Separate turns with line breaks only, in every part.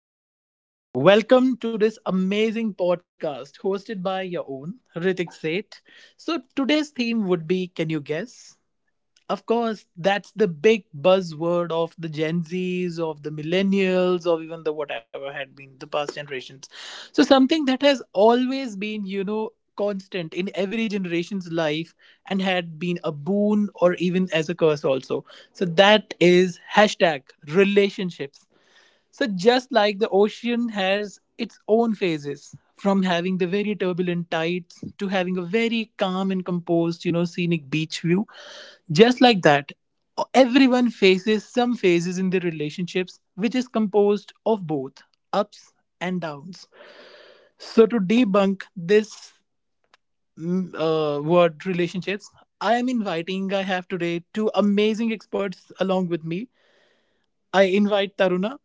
hello everyone. Welcome to this amazing podcast hosted by your own Ritik Seth. So, today's theme would be, can you guess? Of course, that's the big buzzword of the Gen Zs, of the millennials, or even the whatever had been the past generations. So, something that has always been, constant in every generation's life and had been a boon or even as a curse also. So, that is hashtag relationships. So, just like the ocean has its own phases, from having the very turbulent tides to having a very calm and composed, scenic beach view, just like that, everyone faces some phases in their relationships, which is composed of both ups and downs. So, to debunk this word relationships, I have today two amazing experts along with me. I invite Taruna,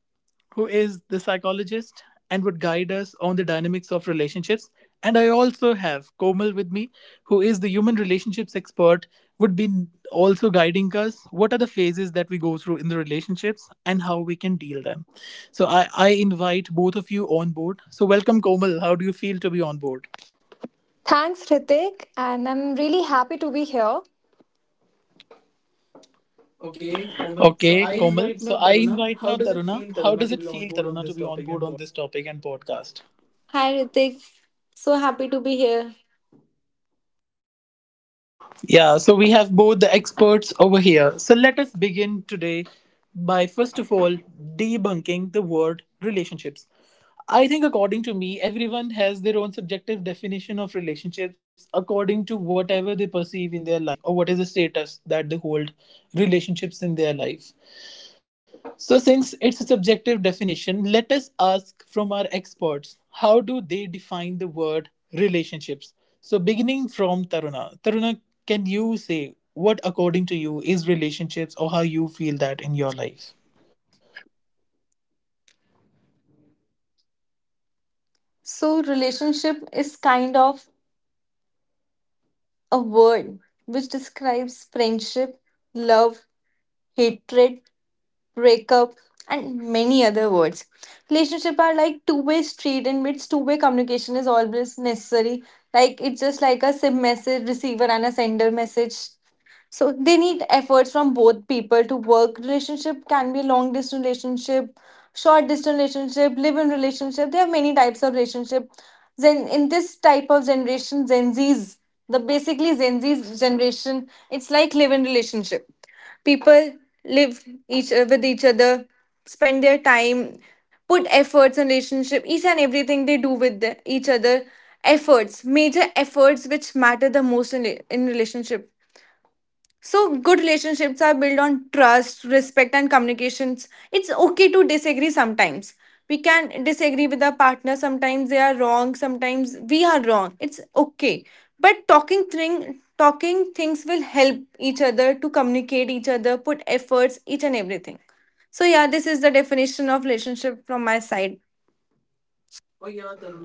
who is the psychologist and would guide us on the dynamics of relationships. And I also have Komal with me, who is the human relationships expert, would be also guiding us what are the phases that we go through in the relationships and how we can deal them. So I invite both of you on board. So welcome, Komal. How do you feel to be on board?
Thanks, Hrithik, and I'm really happy to be here. Okay, Komal. So
Okay,
I
Komal.
invite
So
now
I
Taruna.
invite
How
now
does it
Taruna.
feel,
How
Taruna,
does
to
it
be on
feel,
board on
Taruna, to
this
be on
topic
board
and
on this topic and podcast?
Hi Ritik, so happy to be here.
Yeah, so we have both the experts over here. So let us begin today by first of all debunking the word relationships. I think, according to me, everyone has their own subjective definition of relationships according to whatever they perceive in their life or what is the status that they hold relationships in their life. So, since it's a subjective definition, let us ask from our experts, how do they define the word relationships? So, beginning from Taruna. Taruna, can you say what, according to you, is relationships or how you feel that in your life?
So, relationship is kind of a word which describes friendship, love, hatred, breakup, and many other words. Relationship are like two-way street in which two-way communication is always necessary. Like it's just like a send message receiver and a sender message, so they need efforts from both people to work. Relationship can be long distance relationship, short distance relationship, live in relationship. There are many types of relationship. Then in this type of generation, gen z's, the basically gen z's generation, it's like live in relationship. People live each with each other, spend their time, put efforts in relationship, each and everything they do with each other. Efforts, major efforts, which matter the most in relationship. So good relationships are built on trust, respect, and communications. It's okay to disagree sometimes. We can disagree with our partner. Sometimes they are wrong. Sometimes we are wrong. It's okay. But talking things will help each other to communicate each other, put efforts, each and everything. So yeah, this is the definition of relationship from my side.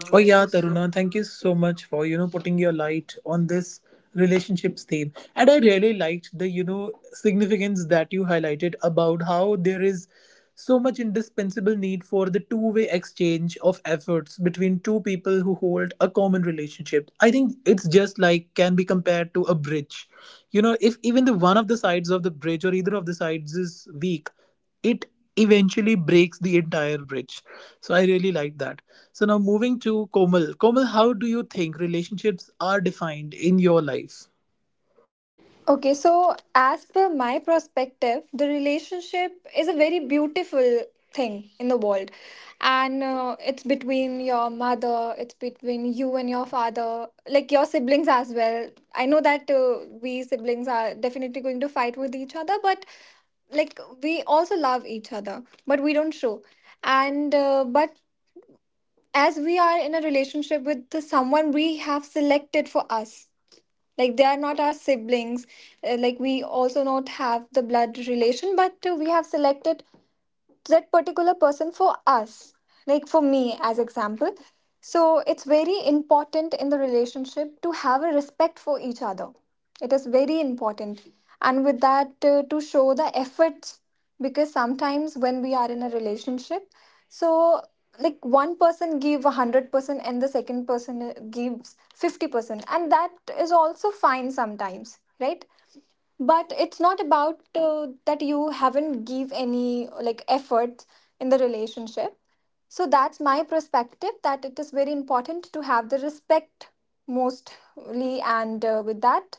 Oh yeah, Taruna, thank you so much for putting your light on this relationships theme. And I really liked the significance that you highlighted about how there is so much indispensable need for the two-way exchange of efforts between two people who hold a common relationship. I think it's just like can be compared to a bridge. You know, if even the one of the sides of the bridge or either of the sides is weak, it eventually breaks the entire bridge. So I really like that. So now moving to Komal. Komal, how do you think relationships are defined in your life?
okay, so as per my perspective, the relationship is a very beautiful thing in the world. And it's between your mother, it's between you and your father, like your siblings as well. I know that we siblings are definitely going to fight with each other, but like we also love each other, but we don't show. And but as we are in a relationship with the someone we have selected for us, like they are not our siblings. Like we also not have the blood relation, but we have selected that particular person for us, like for me as example. So it's very important in the relationship to have a respect for each other. It is very important. And with that, to show the efforts, because sometimes when we are in a relationship, so like one person give 100% and the second person gives 50%, and that is also fine sometimes, right? But it's not about that you haven't give any like effort in the relationship. So that's my perspective, that it is very important to have the respect mostly, and with that,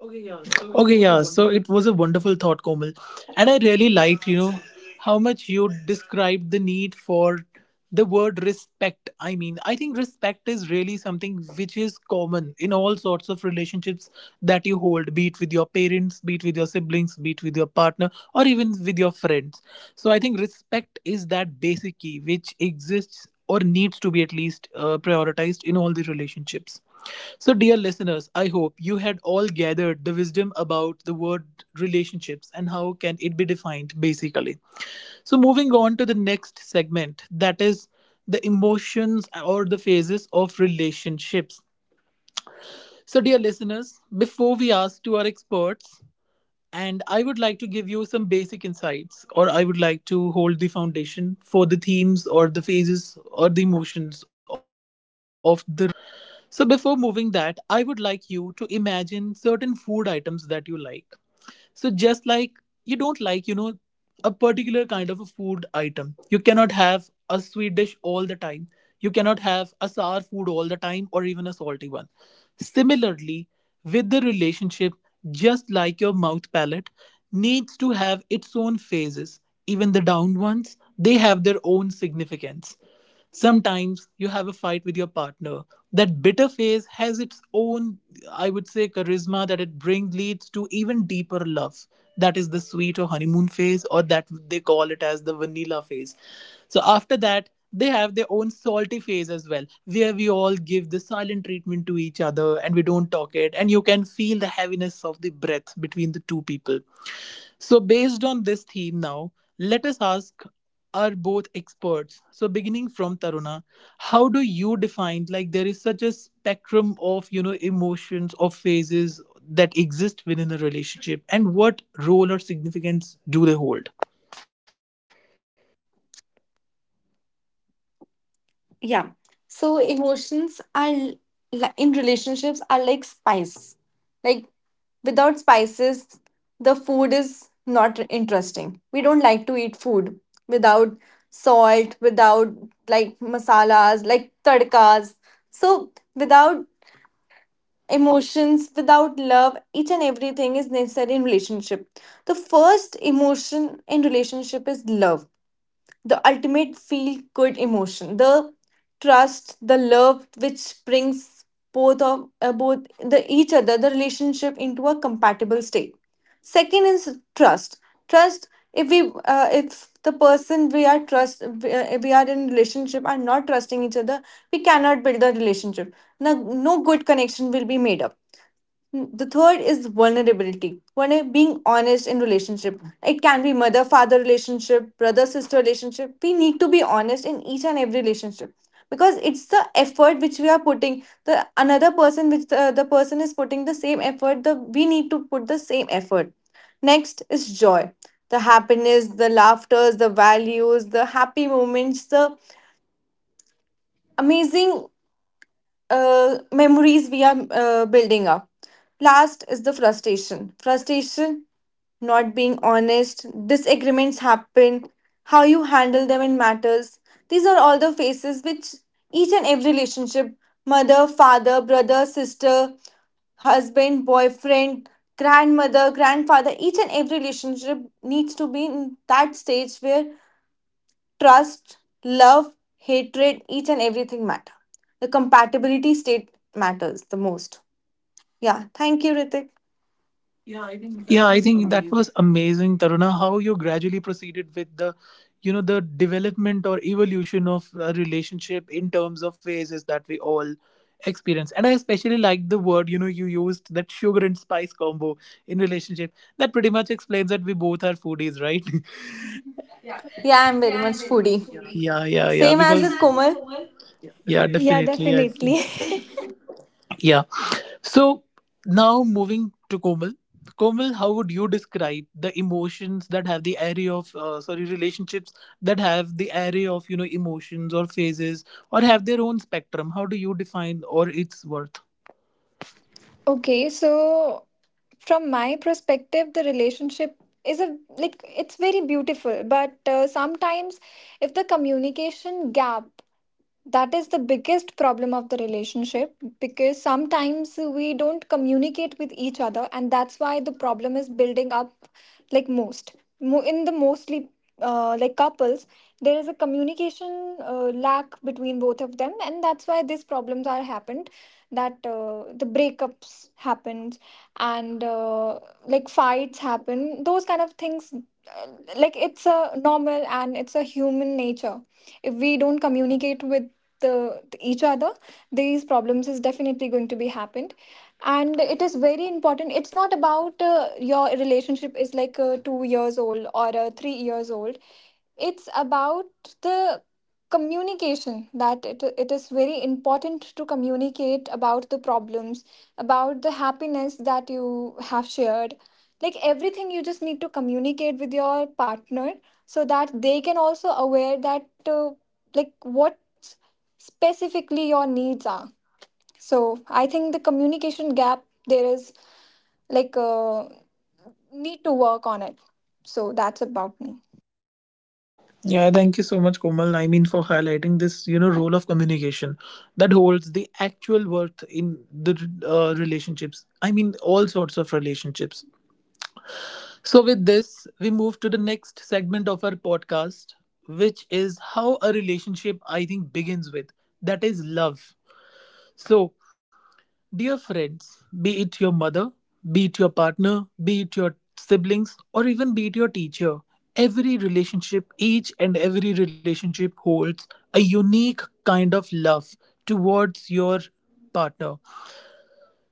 okay, yeah. So it
Okay,
was a
yeah. So
wonderful
it was a wonderful thought, Komal, and I really liked, you know, how much you described the need for the word respect. I mean, I think respect is really something which is common in all sorts of relationships that you hold, be it with your parents, be it with your siblings, be it with your partner, or even with your friends. So I think respect is that basic key which exists or needs to be at least prioritized in all the relationships. So, dear listeners, I hope you had all gathered the wisdom about the word relationships and how can it be defined basically. So, moving on to the next segment, that is the emotions or the phases of relationships. So, dear listeners, before we ask to our experts, and I would like to give you some basic insights, or I would like to hold the foundation for the themes or the phases or the emotions of the relationships. So, before moving that, I would like you to imagine certain food items that you like. So just like, you don't like, a particular kind of a food item, you cannot have a sweet dish all the time, you cannot have a sour food all the time, or even a salty one. Similarly, with the relationship, just like your mouth palate needs to have its own phases, even the down ones, they have their own significance. Sometimes you have a fight with your partner. That bitter phase has its own, I would say, charisma that it brings, leads to even deeper love. That is the sweet or honeymoon phase, or that they call it as the vanilla phase. So after that, they have their own salty phase as well, where we all give the silent treatment to each other and we don't talk it, and you can feel the heaviness of the breath between the two people. So, based on this theme now, let us ask are both experts. So beginning from Taruna, how do you define, like, there is such a spectrum of emotions of phases that exist within a relationship, and what role or significance do they hold?
Yeah. So emotions are in relationships are like spice. Like without spices, the food is not interesting. We don't like to eat food without salt, without like masalas, like tadkas. So without emotions, without love, each and everything is necessary in relationship. The first emotion in relationship is love, the ultimate feel good emotion, the trust, the love, which brings both the each other, the relationship, into a compatible state. Second is trust trust, if the person we are trust, we are in relationship, are not trusting each other, we cannot build the relationship. No, no good connection will be made up. The third is vulnerability. One is being honest in relationship. It can be mother father relationship, brother sister relationship. We need to be honest in each and every relationship, because it's the effort which we are putting. The another person, the person is putting the same effort. The We need to put the same effort. Next is joy. The happiness, the laughters, the values, the happy moments, the amazing memories we are building up. Last is the frustration. Frustration, not being honest, disagreements happen, how you handle them in matters. These are all the phases which each and every relationship, mother, father, brother, sister, husband, boyfriend, grandmother, grandfather, each and every relationship needs to be in that stage where trust, love, hatred, each and everything matter. The compatibility state matters the most. Yeah, thank you, Ritik.
Yeah, I think that was amazing, Taruna. How you gradually proceeded with the, you know, the development or evolution of a relationship in terms of phases that we all experience. And I especially like the word, you know, you used, that sugar and spice combo in relationship. That pretty much explains that we both are foodies, right? Yeah.
Yeah, I'm
Yeah,
very
I'm
much
very much
foodie.
foodie.
Yeah, yeah,
Yeah,
yeah.
yeah, yeah.
Same as
Because
with
same as a
Komal.
cover. Yeah,
definitely. Yeah,
definitely, I feel.
definitely.
Yeah. So now moving to Komal. Komal, how would you describe the emotions that have the array of sorry, relationships that have the array of emotions or phases or have their own spectrum? How do you define or its worth?
Okay, so from my perspective, the relationship is a, like, it's very beautiful, but sometimes if the communication gap, that is the biggest problem of the relationship, because sometimes we don't communicate with each other and that's why the problem is building up. Like in the mostly, like, couples, there is a communication lack between both of them, and that's why these problems are happened, that the breakups happens. And Like fights happen, those kind of things. Like it's a normal and it's a human nature. If we don't communicate with each other, these problems is definitely going to be happened. And it is very important, it's not about your relationship is like 2 years old or 3 years old. It's about the communication, that it is very important to communicate about the problems, about the happiness that you have shared. Like everything, you just need to communicate with your partner, so that they can also aware that like what specifically your needs are. So I think the communication gap there is, like uh, need to work on it. So that's about me.
Yeah, thank you so much, Komal. I mean, for highlighting this, you know, role of communication that holds the actual worth in the relationships. I mean, all sorts of relationships. So, with this, we move to the next segment of our podcast, which is how a relationship I think begins with, that is love. So, dear friends, be it your mother, be it your partner, be it your siblings, or even be it your teacher, every relationship, each and every relationship holds a unique kind of love towards your partner.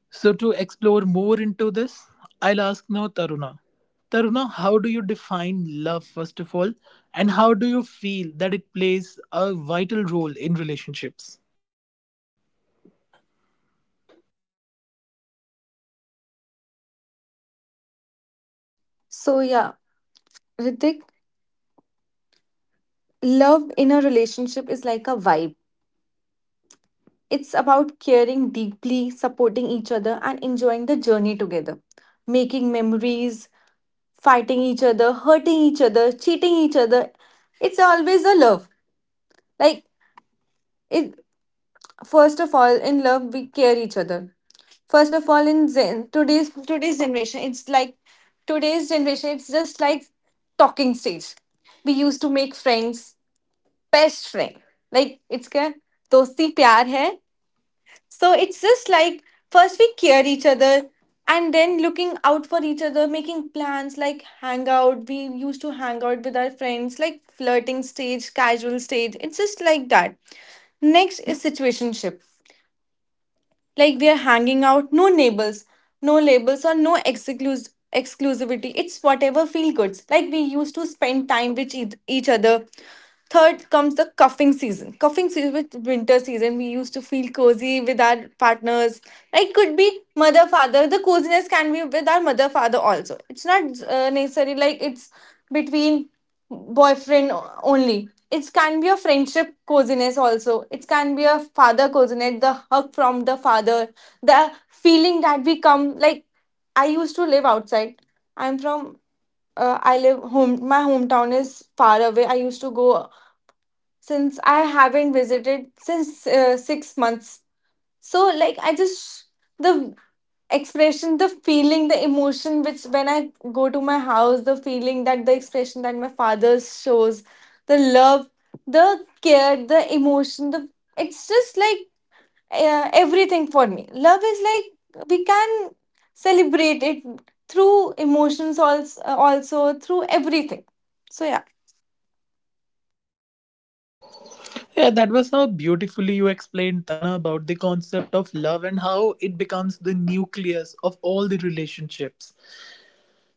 So, to explore more into this, I'll ask now Taruna. Taruna, how do you define love, first of all, and how do you feel that it plays a vital role in relationships?
So yeah, Ritik, love in a relationship is like a vibe. It's about caring deeply, supporting each other, and enjoying the journey together, making memories, fighting each other, hurting each other, cheating each other. It's always a love. Like it first of all in love we care each other. First of all in zen, today's generation it's like today's generation, it's just like talking stage, we used to make friends, best friend, like it's क्या दोस्ती प्यार है. So it's just like first we care each other, and then looking out for each other, making plans like hang out. We used to hang out with our friends, like flirting stage, casual stage. It's just like that. Next is situationship, like we are hanging out, no labels or no exclusivity. It's whatever feel goods. Like we used to spend time with each other. Third comes the cuffing season. Cuffing season with winter season, we used to feel cozy with our partners. Like could be mother father. The coziness can be with our mother father also. It's not necessarily like it's between boyfriend only. It can be a friendship coziness also. It can be a father coziness, the hug from the father, the feeling that we come. Like I used to live outside. I'm from. I live home. My hometown is far away. I used to go, since I haven't visited since 6 months. So like I just, the expression, the feeling, the emotion which when I go to my house, the feeling, that the expression that my father shows, the love, the care, the emotion, the it's just like everything. For me love is like we can celebrate it through emotions also, through everything. So yeah.
Yeah, that was how beautifully you explained, Taruna, about the concept of love and how it becomes the nucleus of all the relationships.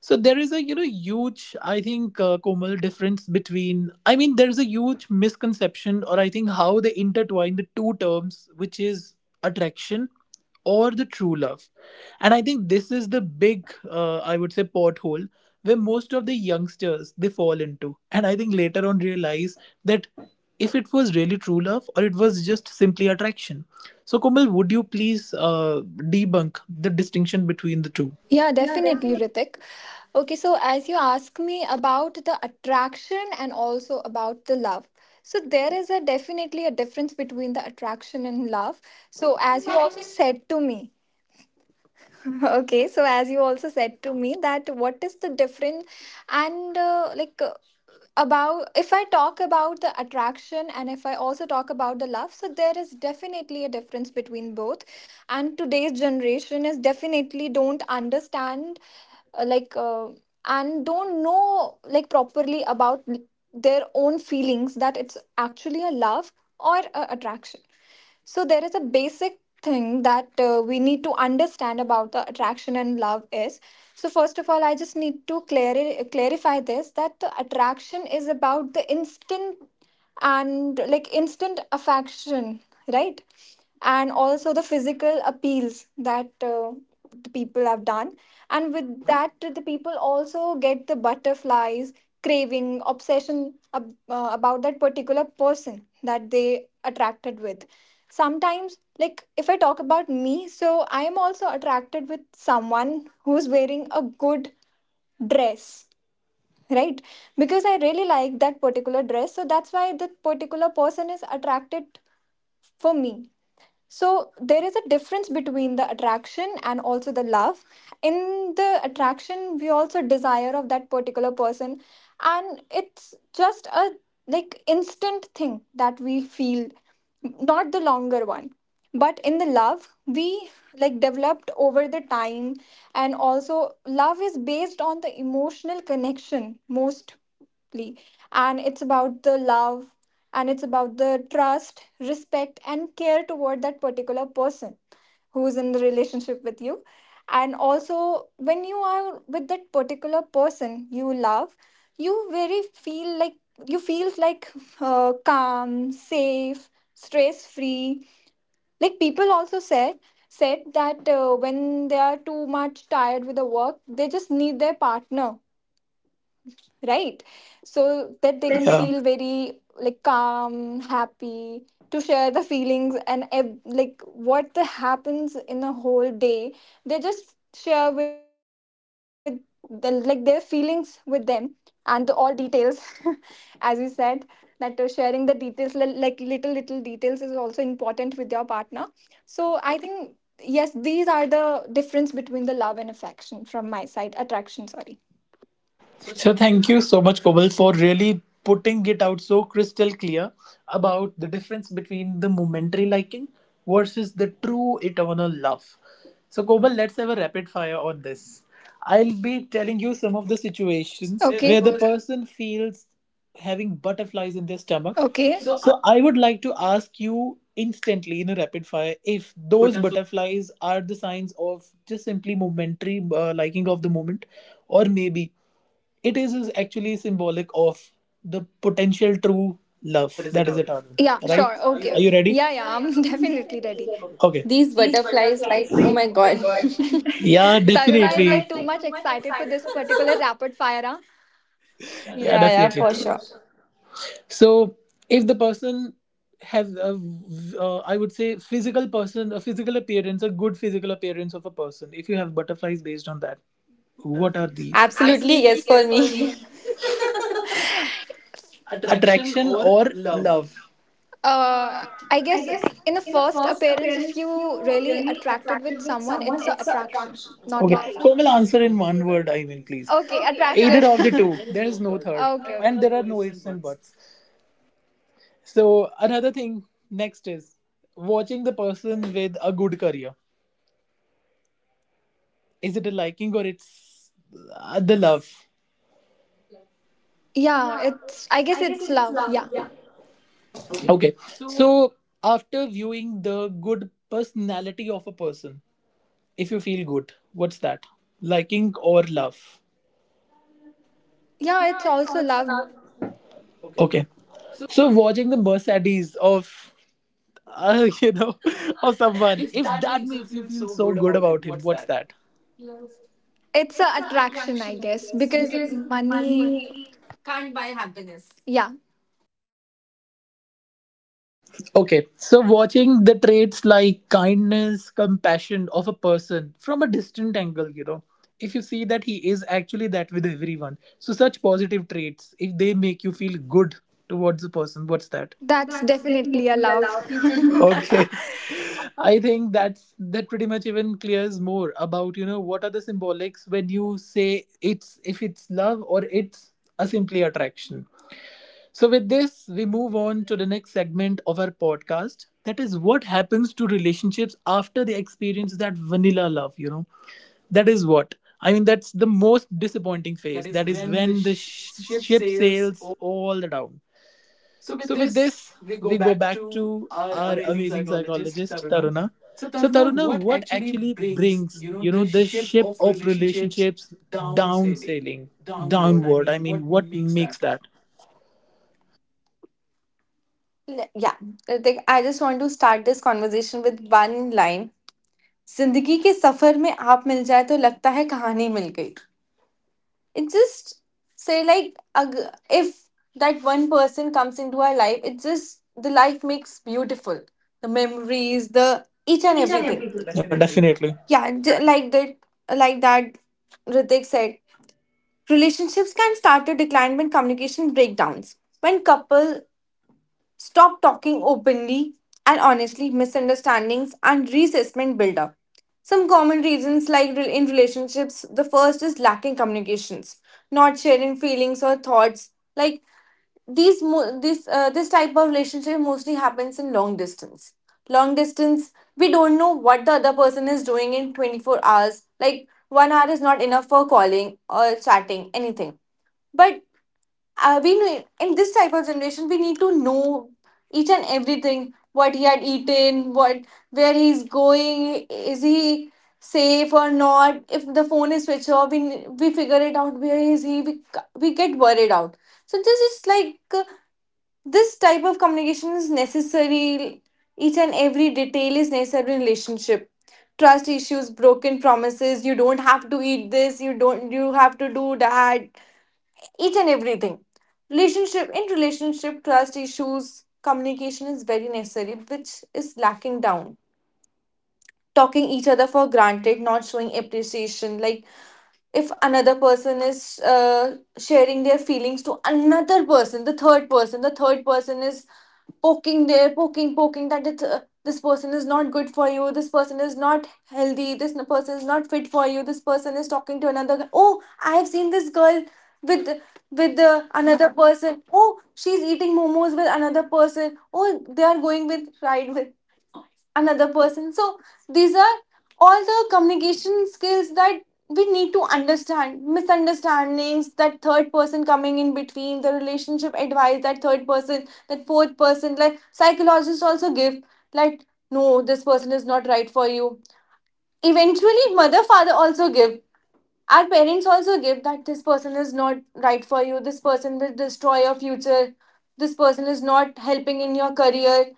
So there is a huge, I think, Komal, difference between, I mean, there is a huge misconception, or I think how they intertwine the two terms, which is attraction or the true love. And I think this is the big I would say pothole where most of the youngsters they fall into, and I think later on realize that if it was really true love or it was just simply attraction. So Komal, would you please debunk the distinction between the two?
Yeah, definitely, Ritik. Okay, so as you ask me about the attraction and also about the love. So there is a definitely a difference between the attraction and love. So as you also said to me, okay, so as you also said to me that what is the difference, and about if I talk about the attraction and if I also talk about the love, so there is definitely a difference between both. And today's generation is definitely don't understand, uh, like uh, and don't know like properly about their own feelings, that it's actually a love or a attraction. So there is a basic thing that we need to understand about the attraction and love is, so first of all, I just need to clarify this, that the attraction is about the instant, and like instant affection, right? And also the physical appeals that the people have done, and with that the people also get the butterflies, craving, obsession about that particular person that they attracted with. Sometimes, like if I talk about me, so I am also attracted with someone who's wearing a good dress, right? Because I really like that particular dress, so that's why that particular person is attracted for me. So there is a difference between the attraction and also the love. In the attraction, we also desire of that particular person, and it's just a, like, instant thing that we feel, not the longer one. But in the love, we, like, developed over the time, and also love is based on the emotional connection mostly, and it's about the love, and it's about the trust, respect, and care toward that particular person who's in the relationship with you. And also when you are with that particular person you love, you very feel like, you feel like, calm, safe, stress free. Like people also said that when they are too much tired with the work, they just need their partner, right? So that they can
Yeah.
feel very, like, calm, happy, to share the feelings and like what the happens in the whole day, they just share with like their feelings with them, and all details. As we said that sharing the details, like little little details is also important with your partner. So I think, yes, these are the difference between the love and affection from my side, attraction, sorry. So
So
thank you.
thank you so much, Koval, for really putting it out so crystal clear about the difference between the momentary liking versus the true eternal love. So Koval, let's have a rapid fire on this. I'll be telling you some of the situations
Okay.
where the person feels having butterflies in their stomach.
Okay. So are
So I would like to ask you instantly in a rapid fire if
those
those
butterflies,
butterflies are the signs of just simply momentary liking of the moment, or maybe is actually symbolic of the potential true
that
love
is a
that is
target.
eternal,
Yeah,
right?
sure. Okay.
Are you
Ready?
ready?
Yeah, yeah, I'm definitely ready. Okay.
Okay.
These
These
butterflies,
butterflies,
like, oh
like,
my
oh my
god.
god. Yeah,
Taruna
definitely.
is
Kalpana
like
is,
too
like, too
much
much
excited for
excited
this
for this
particular
particular-
rapid fire. Huh?
Yeah,
Yeah, yeah,
definitely. Yeah,
for
yeah, for
sure.
sure. So, if the person has a, I would say, a physical appearance, a good physical appearance of a person, if you have butterflies based on that,
What are
what are
these?
these?
Absolutely,
Absolutely
Absolutely,
yes
yes
for
yes,
for
for
me.
me.
me.
Attraction
Attraction
or
or
love?
love? uh,
I
I
guess
guess
in the
in the
first
first
appearance, if
appearance,
you
if you
really
really
attracted with
attracted with
someone,
someone,
it's a
it's a
attraction,
attraction.
not
Okay. Not
love.
love.
Will
Komal,
answer in
answer in
one
one
word, I
word, I
mean,
mean,
please.
please.
Okay,
Okay, either of attraction.
attraction.
The attraction.
There
Two.
is
There is
no
no
third. Okay,
third.
and okay,
Okay. And
there
okay,
are
there are
no
no
ifs and
ifs and
buts.
buts. So, another thing, next is watching the person with a good career. Is it a liking or it's the love?
Yeah,
Yeah,
it's, I guess
I guess
it's
it's
love.
love.
Yeah.
Yeah.
Okay.
Okay.
So
So after viewing the good personality of a person, if you feel good, what's that? Liking or love?
yeah, it's
Yeah, it's
also
also
love.
love.
Okay.
Okay. So watching the Mercedes of you know, of
Well,
someone,
if
if
that
that
makes you
makes you
feel
feel
so
so
good
good
about him,
about him,
what's
what's
that?
that?
Love. It's a
It's a
attraction,
attraction,
I
I
guess,
guess,
because
because
money
money.
can't buy happiness. Yeah.
Okay, so watching the traits like kindness, compassion of a person from a distant angle, you know, if you see that he is actually that with everyone, so such positive traits, if they make you feel good towards the person, what's that?
That's
That's
definitely a
definitely
love.
allowed.
Okay.
Okay, I think that pretty much even clears more about what are the symbolics when you say it's if it's love or it's a simply attraction. So, with this, we move on to the next segment of our podcast. That is what happens to relationships after they experience that vanilla love, you know? That is what. I mean, that's the most disappointing phase. That is when ship sails all down. So, with this, we go back to our amazing psychologist, Taruna. So, Taruna, what actually brings, you know, the ship of relationships down sailing, downward? I mean, what makes that?
Yeah, like I just want to start this conversation with one line. जिंदगी के सफर में आप मिल जाए तो लगता है कहानी मिल गई. It just say like, अग, if that one person comes into our life, it just the life makes beautiful, the memories, the each and
Each and
everything.
every day. Yeah, definitely.
Yeah,
Yeah.
like that Ritik said. Relationships can start to decline when communication breakdowns, when couple stop talking openly and honestly, misunderstandings and resentment build up. Some common reasons, like in relationships, the first is lacking communications, not sharing feelings or thoughts. Like these, mo- this this type of relationship mostly happens in long distance. Long distance, we don't know what the other person is doing in 24 hours. Like 1 hour is not enough for calling or chatting anything. But we need, in this type of generation we need to know each and everything, what he had eaten, what, where he's going, is he safe or not. If the phone is switched off, we figure it out where is he, we get worried out. So this is like, this type of communication is necessary. Each and every detail is necessary in relationship. Trust issues, broken promises. You don't have to eat this, you don't you have to do that, each and everything. Relationship, in relationship, trust issues, communication is very necessary, which is lacking down. Talking each other for granted, not showing appreciation. Like if another person is sharing their feelings to another person, the third person is poking there, poking, poking that this person is not good for you, this person is not healthy, this person is not fit for you, this person is talking to another. Oh, I have seen this girl with with another person. Oh, she's eating momos with another person. Oh, they are going with ride with another person. So these are all the communication skills that we need to understand. Misunderstandings, that third person coming in between the relationship, advice that third person, that fourth person, like psychologists also give, like no, this person is not right for you. Eventually mother father also give, our parents also give that this person is not right for you, this person will destroy your future, this person is not helping in your career,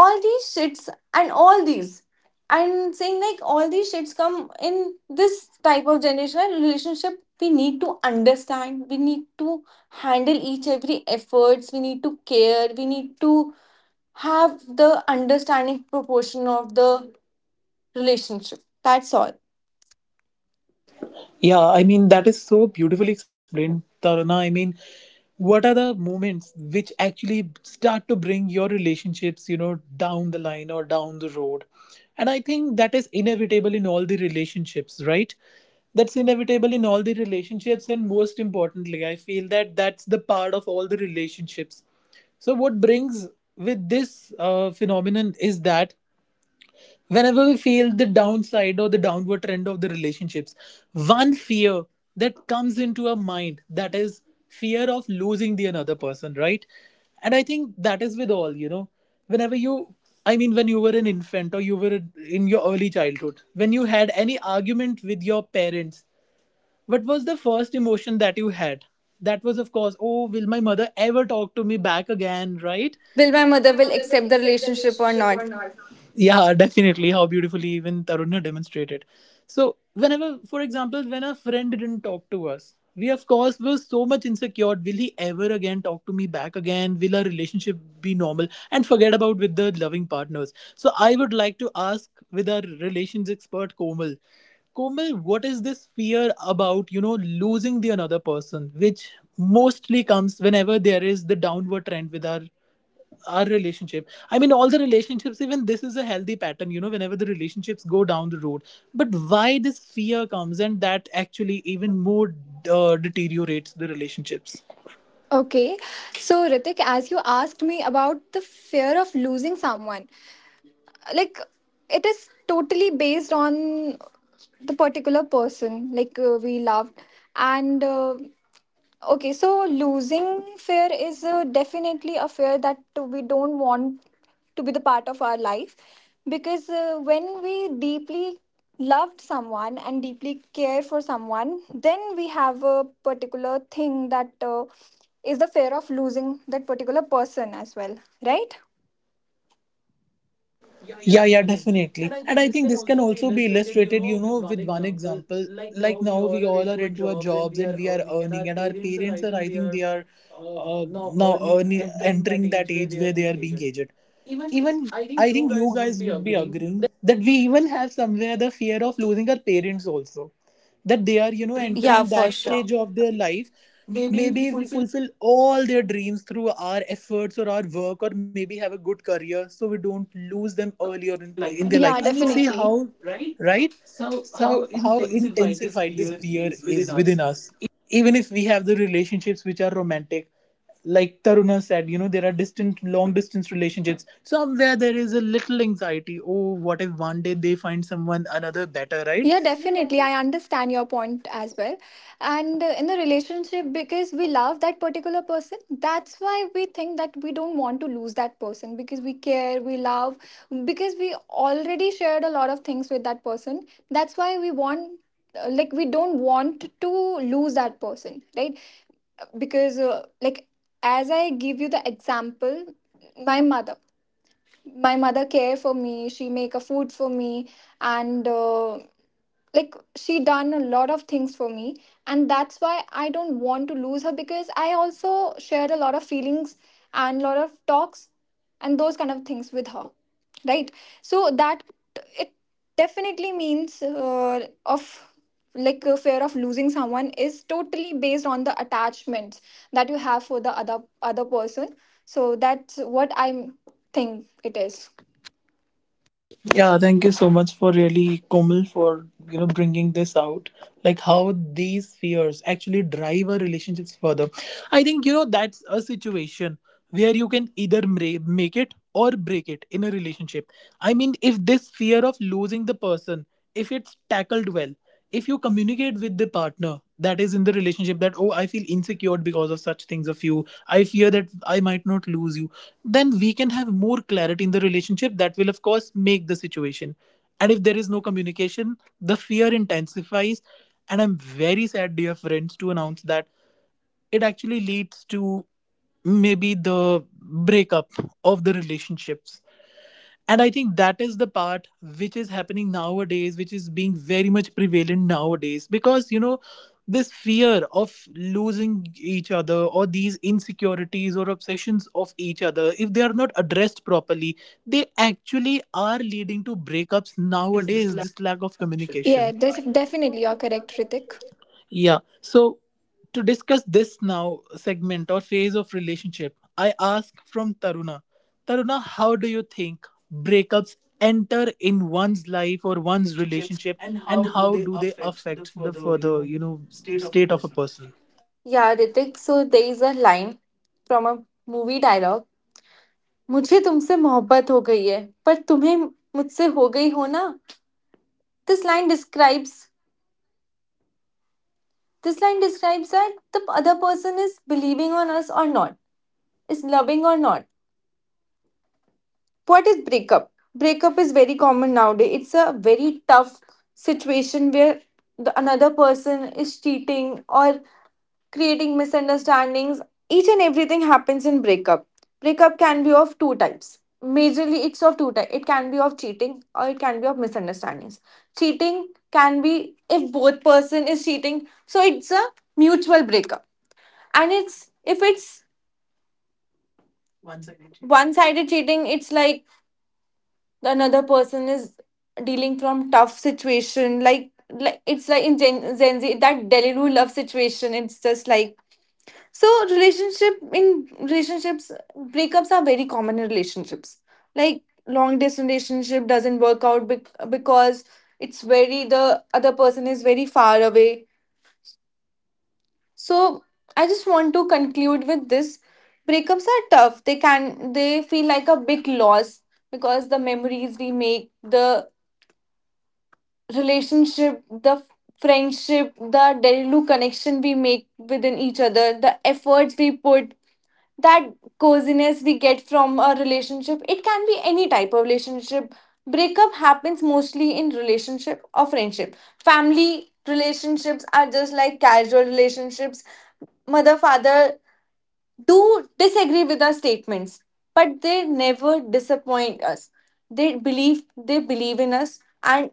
all these shits, and all these and saying like all these shits come in this type of generational relationship. We need to understand, we need to handle each every efforts, we need to care, we need to have the understanding proportion of the relationship. That's all.
Yeah, I mean, that is so beautifully explained, Tarana. I mean, what are the moments which actually start to bring your relationships, you know, down the line or down the road? And I think that is inevitable in all the relationships, right? That's inevitable in all the relationships. And most importantly, I feel that that's the part of all the relationships. So, what brings with this phenomenon is that whenever we feel the downside or the downward trend of the relationships, one fear that comes into our mind, that is fear of losing the another person, right? And I think that is with all, you know, whenever you, I mean, when you were an infant or you were in your early childhood, when you had any argument with your parents, what was the first emotion that you had? That was, of course, oh, will my mother ever talk to me back again, right?
Will my
Will
mother
my
will
mother will
accept the
accept the
relationship or
relationship
not?
or not? Yeah. Definitely, how beautifully even Tarunna demonstrated. So whenever, for example, when a friend didn't talk to us, we of course were so much insecure. Will he ever again talk to me back again? Will our relationship be normal? And forget about with the loving partners. So I would like to ask with our relations expert Komal. Komal, what is this fear about, you know, losing the another person, which mostly comes whenever there is the downward trend with our relationship? I mean, all the relationships, even this is a healthy pattern, you know, whenever the relationships go down the road. But why this fear comes and that actually even more deteriorates the relationships?
Okay. So, Ritik, as you asked me about the fear of losing someone, like, it is totally based on the particular person like we loved, and okay, so losing fear is definitely a fear that we don't want to be the part of our life, because when we deeply loved someone and deeply care for someone, then we have a particular thing that is the fear of losing that particular person as well, right? Yeah, yeah,
Yeah, yeah,
definitely. And
definitely.
I
And
think
I
this
think
can
this can
also be
also be
illustrated, you
illustrated, you
know, with
know,
one
with one
example.
example.
Like
Like
now we
now we
all are
all are
into our
into our
jobs and
jobs
we
and
are
we are
earning, and our
earning, and our
parents are,
parents
I
are,
think,
I
they
think,
are
they are
uh, now
now
earning,
earning,
entering that
entering that
age where
age
they are
where they
being
are being
aged.
aged.
Even
Even
I think
I
you
think you
guys would
guys
be
would be
agreeing
agreeing that we even have somewhere the fear of losing our parents also, that they are, you know,
Yeah,
entering that
for sure.
stage of their life. Maybe we fulfill all their dreams through our efforts or our work, or maybe have a good career, so we don't lose them earlier in,
in their
in
life.
their life. I
Yeah,
mean, see how,
definitely. Right?
right?
So,
So
how
how
intensified this
intensified this
fear
fear
is within
is within
us.
us, even if we have the relationships which are romantic. Like Taruna said, you know, there are distant, long distance relationships. Somewhere there is a little anxiety. Oh, what if one day they find someone another better, right?
Yeah, definitely. I understand your point as well. And in the relationship, because we love that particular person, that's why we think that we don't want to lose that person because we care, we love, because we already shared a lot of things with that person. That's why we want, we don't want to lose that person, right? Because, as I give you the example, my mother, my mother care for me, she make a food for me, and like she done a lot of things for me, and that's why I don't want to lose her, because I also shared a lot of feelings and lot of talks and those kind of things with her, right? So that it definitely means of, like, a fear of losing someone is totally based on the attachments that you have for the other person. So that's what I think it is.
Yeah, thank you so much for really Komal for, you know, bringing this out, like how these fears actually drive our relationships further. I think, you know, that's a situation where you can either make it or break it in a relationship. I mean, if this fear of losing the person, if it's tackled well, if you communicate with the partner that is in the relationship that, oh, I feel insecure because of such things of you, I fear that I might not lose you, then we can have more clarity in the relationship that will of course make the situation. And if there is no communication, the fear intensifies. And I'm very sad, dear friends, to announce that it actually leads to maybe the breakup of the relationships. And I think that is the part which is happening nowadays, which is being very much prevalent nowadays, because, you know, this fear of losing each other or these insecurities or obsessions of each other, if they are not addressed properly, they actually are leading to breakups
Is this
nowadays,
like
this lack of
communication? Yeah,
communication.
definitely, you're correct, Ritik.
Yeah. So to discuss this now segment or phase of relationship, I ask from Taruna. Taruna, how do you think breakups enter in one's life or one's relationship, and how do they affect the further, you know, state of a person?
Yeah, Ritik, so there is a line from a movie dialogue. मुझे तुमसे मोहब्बत हो गई है पर तुम्हें मुझसे हो गई हो ना. This line describes this line describes आईट तब other person is believing on us or not, is loving or not. What is breakup? Breakup is very common nowadays. It's a very tough situation where another person is cheating or creating misunderstandings. Each and everything happens in breakup. Breakup can be of two types. Majorly, it's of two types. It can be of cheating or it can be of misunderstandings. Cheating can be if both person is cheating, so it's a mutual breakup. And it's if it's one-sided cheating. One sided cheating. It's like the another person is dealing from tough situation, like it's like in Gen Z, that Delilu love situation. It's just like, so relationship in relationships, breakups are very common in relationships. Like long distance relationship doesn't work out because it's very the other person is very far away. So I just want to conclude with this, breakups are tough. They feel like a big loss, because the memories we make, the relationship, the friendship, the daily connection we make within each other, the efforts we put, that coziness we get from a relationship, it can be any type of relationship. Breakup happens mostly in relationship or friendship. Family relationships are just like casual relationships. Mother father do disagree with our statements, but they never disappoint us. They believe in us, and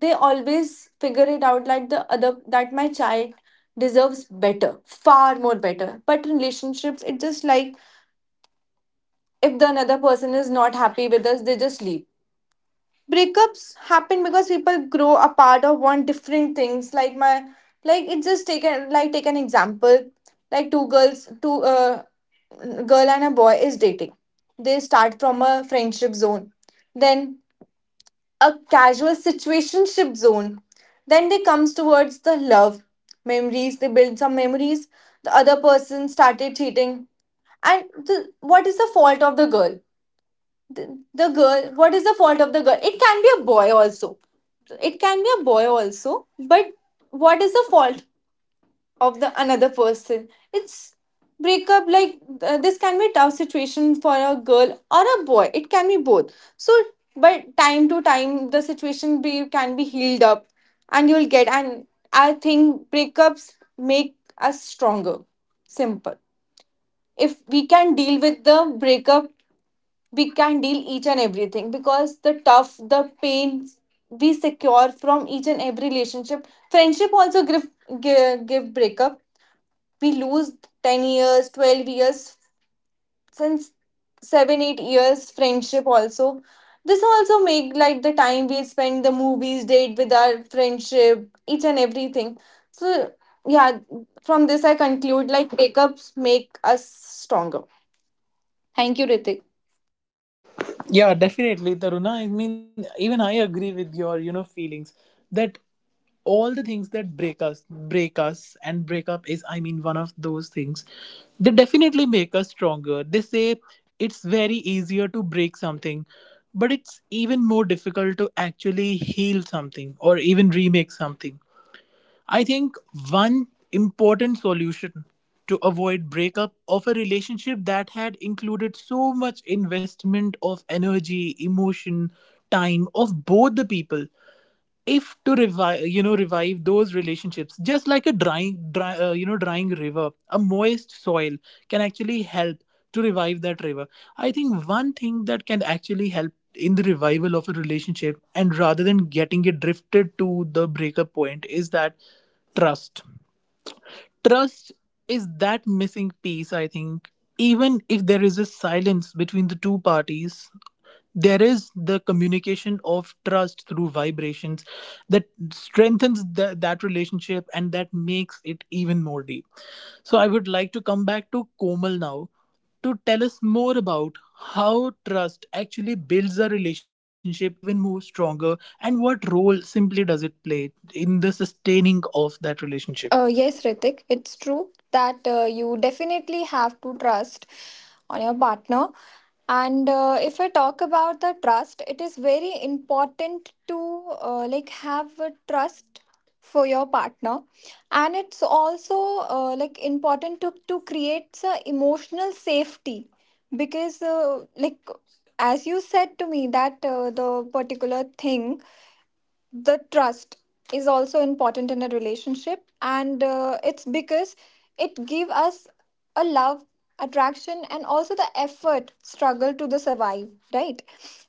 they always figure it out, like the other, that my child deserves better, far more better. But relationships, it's just like, if the another person is not happy with us, they just leave. Breakups happen because people grow apart or want different things. Like my like it just take a like take an example. Like two girls two girl and a boy is dating. They start from a friendship zone, then a casual situationship zone, then they comes towards the love, memories, they build some memories, the other person started cheating. And what is the fault of the girl, the girl, what is the fault of the girl? It can be a boy also, it can be a boy also but what is the fault of the another person? It's breakup. Like this can be a tough situation for a girl or a boy, it can be both. So, but time to time the situation be can be healed up. And you'll get, and I think breakups make us stronger. Simple. If we can deal with the breakup, we can deal each and everything, because the tough, the pain we secure from each and every relationship, friendship also give, give breakup. We lose 10 years, 12 years, since 7 8 years friendship also. This also make like the time we spend, the movies date with our friendship, each and everything. So yeah, from this I conclude, like breakups make us stronger. Thank you, Ritik.
Yeah, definitely, Taruna. I mean, even I agree with your, you know, feelings that all the things that break us, and break up is, I mean, one of those things. They definitely make us stronger. They say it's very easier to break something, but it's even more difficult to actually heal something or even remake something. I think one important solution to avoid breakup of a relationship that had included so much investment of energy, emotion, time of both the people, if to revive, you know, revive those relationships, just like a you know, drying river, a moist soil can actually help to revive that river. I think one thing that can actually help in the revival of a relationship and rather than getting it drifted to the breakup point is that trust. Trust is that missing piece, I think. Even if there is a silence between the two parties, there is the communication of trust through vibrations that strengthens that relationship, and that makes it even more deep. So I would like to come back to Komal now to tell us more about how trust actually builds a relationship even more stronger, and what role simply does it play in the sustaining of that relationship.
Yes, Ritik, it's true that you definitely have to trust on your partner. And if I talk about the trust, it is very important to, like, have a trust for your partner, and it's also like important to create emotional safety, because like as you said to me that the particular thing, the trust is also important in a relationship, and it's because it give us a love, attraction, and also the effort, struggle to the survive, right?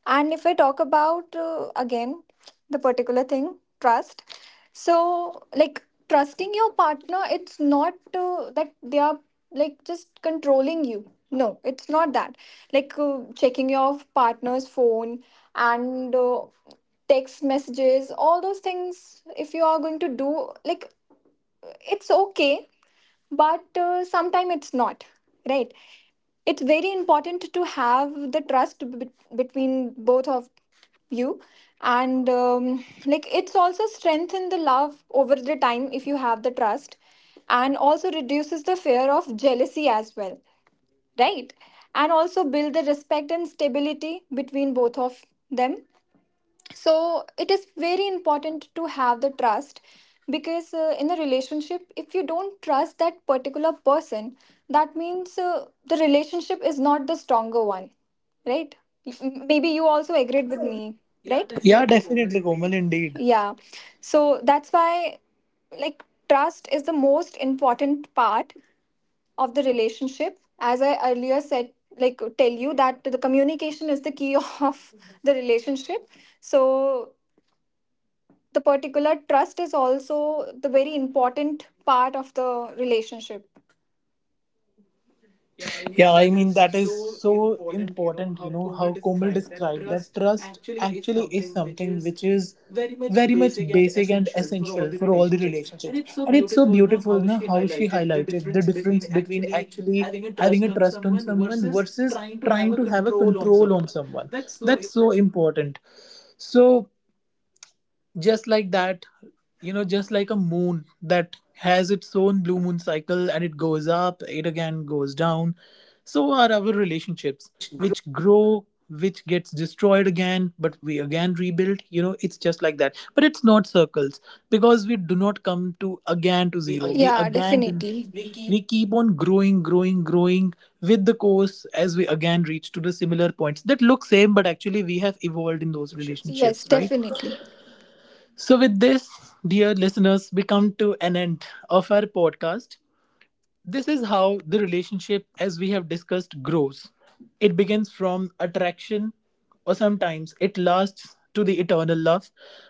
And if I talk about again the particular thing, trust, so like trusting your partner, it's not that they are, like, just controlling you. No, it's not that. Like, checking your partner's phone and text messages, all those things, if you are going to do, like, it's okay, but sometime it's not, right? It's very important to have the trust between both of you. And like it's also strengthen the love over the time if you have the trust, and also reduces the fear of jealousy as well, right? And also build the respect and stability between both of them. So it is very important to have the trust, because in a relationship if you don't trust that particular person, that means the relationship is not the stronger one, right? Maybe you also agreed with me. Yeah, right,
Yeah,
definitely, Komal,
definitely, Komal,
indeed.
indeed.
Yeah, so that's why, like, trust is the most important part of the relationship, as I earlier said, like, tell you that the communication is the key of the relationship. So the particular trust is also the very important part of the relationship. Yeah, I mean,
Yeah, I
that
mean,
is
that is
so
so
important, you know,
important, you
how
know,
Komal
how Komal
described that
described that
trust
trust
actually is
actually is
something which
something
is
which is
very much
very much
basic and
basic and
essential for all
essential
the
for all the
relationships. And
relationships.
it's so
And it's so
beautiful now
beautiful
how
na,
she
how she
highlighted the
highlighted the
difference between
difference between
actually
actually
having a
having a
trust on
trust on
someone
someone
versus
versus
trying to have
trying
a
to have a
control on
control on
someone.
someone.
That's so,
That's so important. So just like that, you know, just like a moon that has its own blue moon cycle, and it goes up, it again goes down. So are our relationships,
which grow
which grow, which gets destroyed again, but we again rebuild, you know, it's just like that, but it's not circles, because we do not come to again to
we
zero.
are.
We
Yeah,
again then
definitely. We keep
we keep on growing, growing, growing with the course as we again reach to the similar points that look same, but actually we have evolved in those
relationships. Yes,
relationships, right?
definitely.
So, with this, dear listeners, we come to an end of our podcast. This is how the relationship, as we have discussed, grows. It begins from attraction, or sometimes it lasts to the eternal love.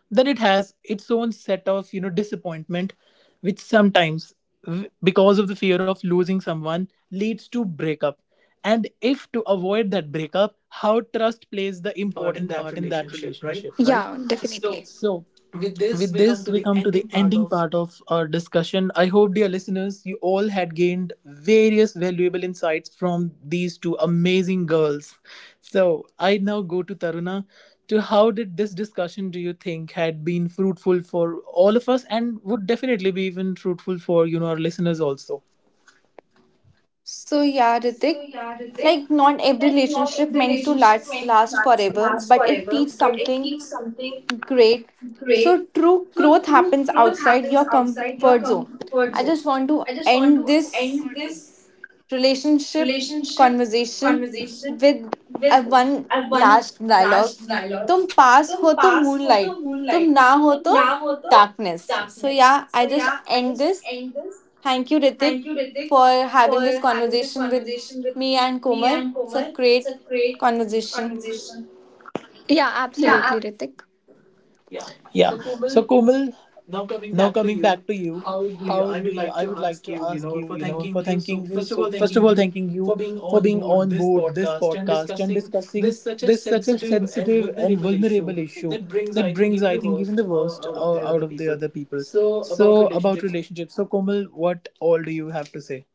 Then it has its own set of, you know, disappointment, which sometimes, because of the fear of losing someone, leads to breakup. And if to avoid that breakup, how trust plays the
Important part in
important
that
part in that
relationship, right?
relationship, right?
Yeah, so definitely.
So,
With this,
with
we come
this,
to
we
the
come to the
ending part
ending
of.
part of our discussion. I hope, dear listeners, you all had gained various valuable insights from these two amazing girls. So, I now go to Taruna. To how did this discussion, do you think, had been fruitful for all of us, and would definitely be even fruitful for, you know, our listeners also?
So yeah,
So
Ritik,
yeah, Ritik,
like not every
like not
relationship
every
meant to
relationship
last
meant to
last
last,
forever,
last
but it
forever,
teaches
but it
something
keeps something
great. So
great.
true
So
growth
true
happens
growth
outside
happens
your
outside your
comfort zone.
comfort
I
zone.
just want to
I just want
end
to
this
end this
relationship
relationship
conversation
conversation
with a
with
one
one
last dialogue.
last dialogue.
तुम पास
तुम
हो तो
पास हो तो
moonlight, तुम
moonlight,
ना हो
तुम
तो
नाम हो तो
darkness. So
darkness.
yeah,
So
I just
yeah, I
end
just
this.
end this.
Thank you, Ritik,
Thank you, Ritik,
for
for
having this
having this
conversation with
conversation
me and
with me
Komal.
and
It's a
Komal. It's
great
a great
conversation.
conversation.
Yeah,
Yeah.
absolutely, Ritik. Yeah.
Yeah.
So,
So
Komal,
Komal,
now coming
now
back to
coming
you,
back to you,
how do you,
how
I
do
would
you?
like
I
to
would like
ask
to
you, you
ask
know,
you,
for
you know,
thanking
for
you. So,
thanking you.
first of
So
all,
first
thanking
of all,
you
thanking you
for being
for
on
being
board
on
this
board this
podcast and
podcast and
discussing
discussing
this such a
this such a
sensitive and
sensitive and
vulnerable issue
vulnerable issue
that brings,
that
I think,
brings,
even
I
the
think, even
worst
the worst
out of the
out
other
of the
people.
other people.
So, about
So about
relationships.
relationships. So Komal, what all do you have to say?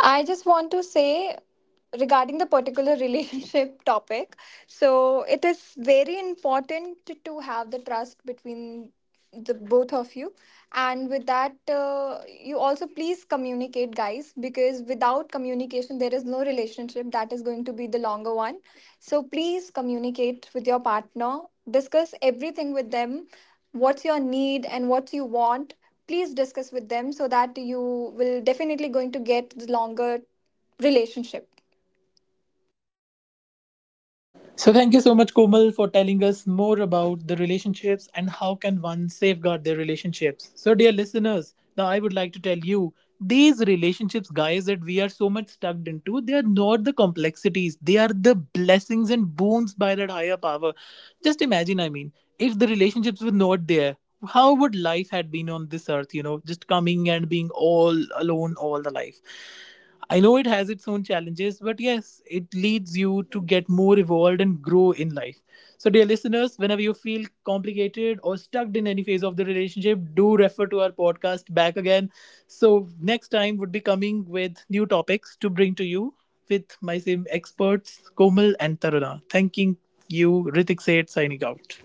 I just want to say regarding the particular relationship topic. So it is very important to have the trust between the both of you, and with that, you also please communicate, guys, because without communication, there is no relationship that is going to be the longer one. So please communicate with your partner, discuss everything with them, what's your need and what you want, please discuss with them so that you will definitely going to get the longer relationship.
So thank you so much, Komal, for telling us more about the relationships and how can one safeguard their relationships. So, dear listeners, now I would like to tell you these relationships, guys, that we are so much stuck into, they are not the complexities. They are the blessings and boons by that higher power. Just imagine, I mean, if the relationships were not there, how would life had been on this earth, you know, just coming and being all alone all the life. I know it has its own challenges, but yes, it leads you to get more evolved and grow in life. So, dear listeners, whenever you feel complicated or stuck in any phase of the relationship, do refer to our podcast back again. So, next time would be coming with new topics to bring to you with my same experts, Komal and Taruna. Thanking you, Ritik Seth, signing out.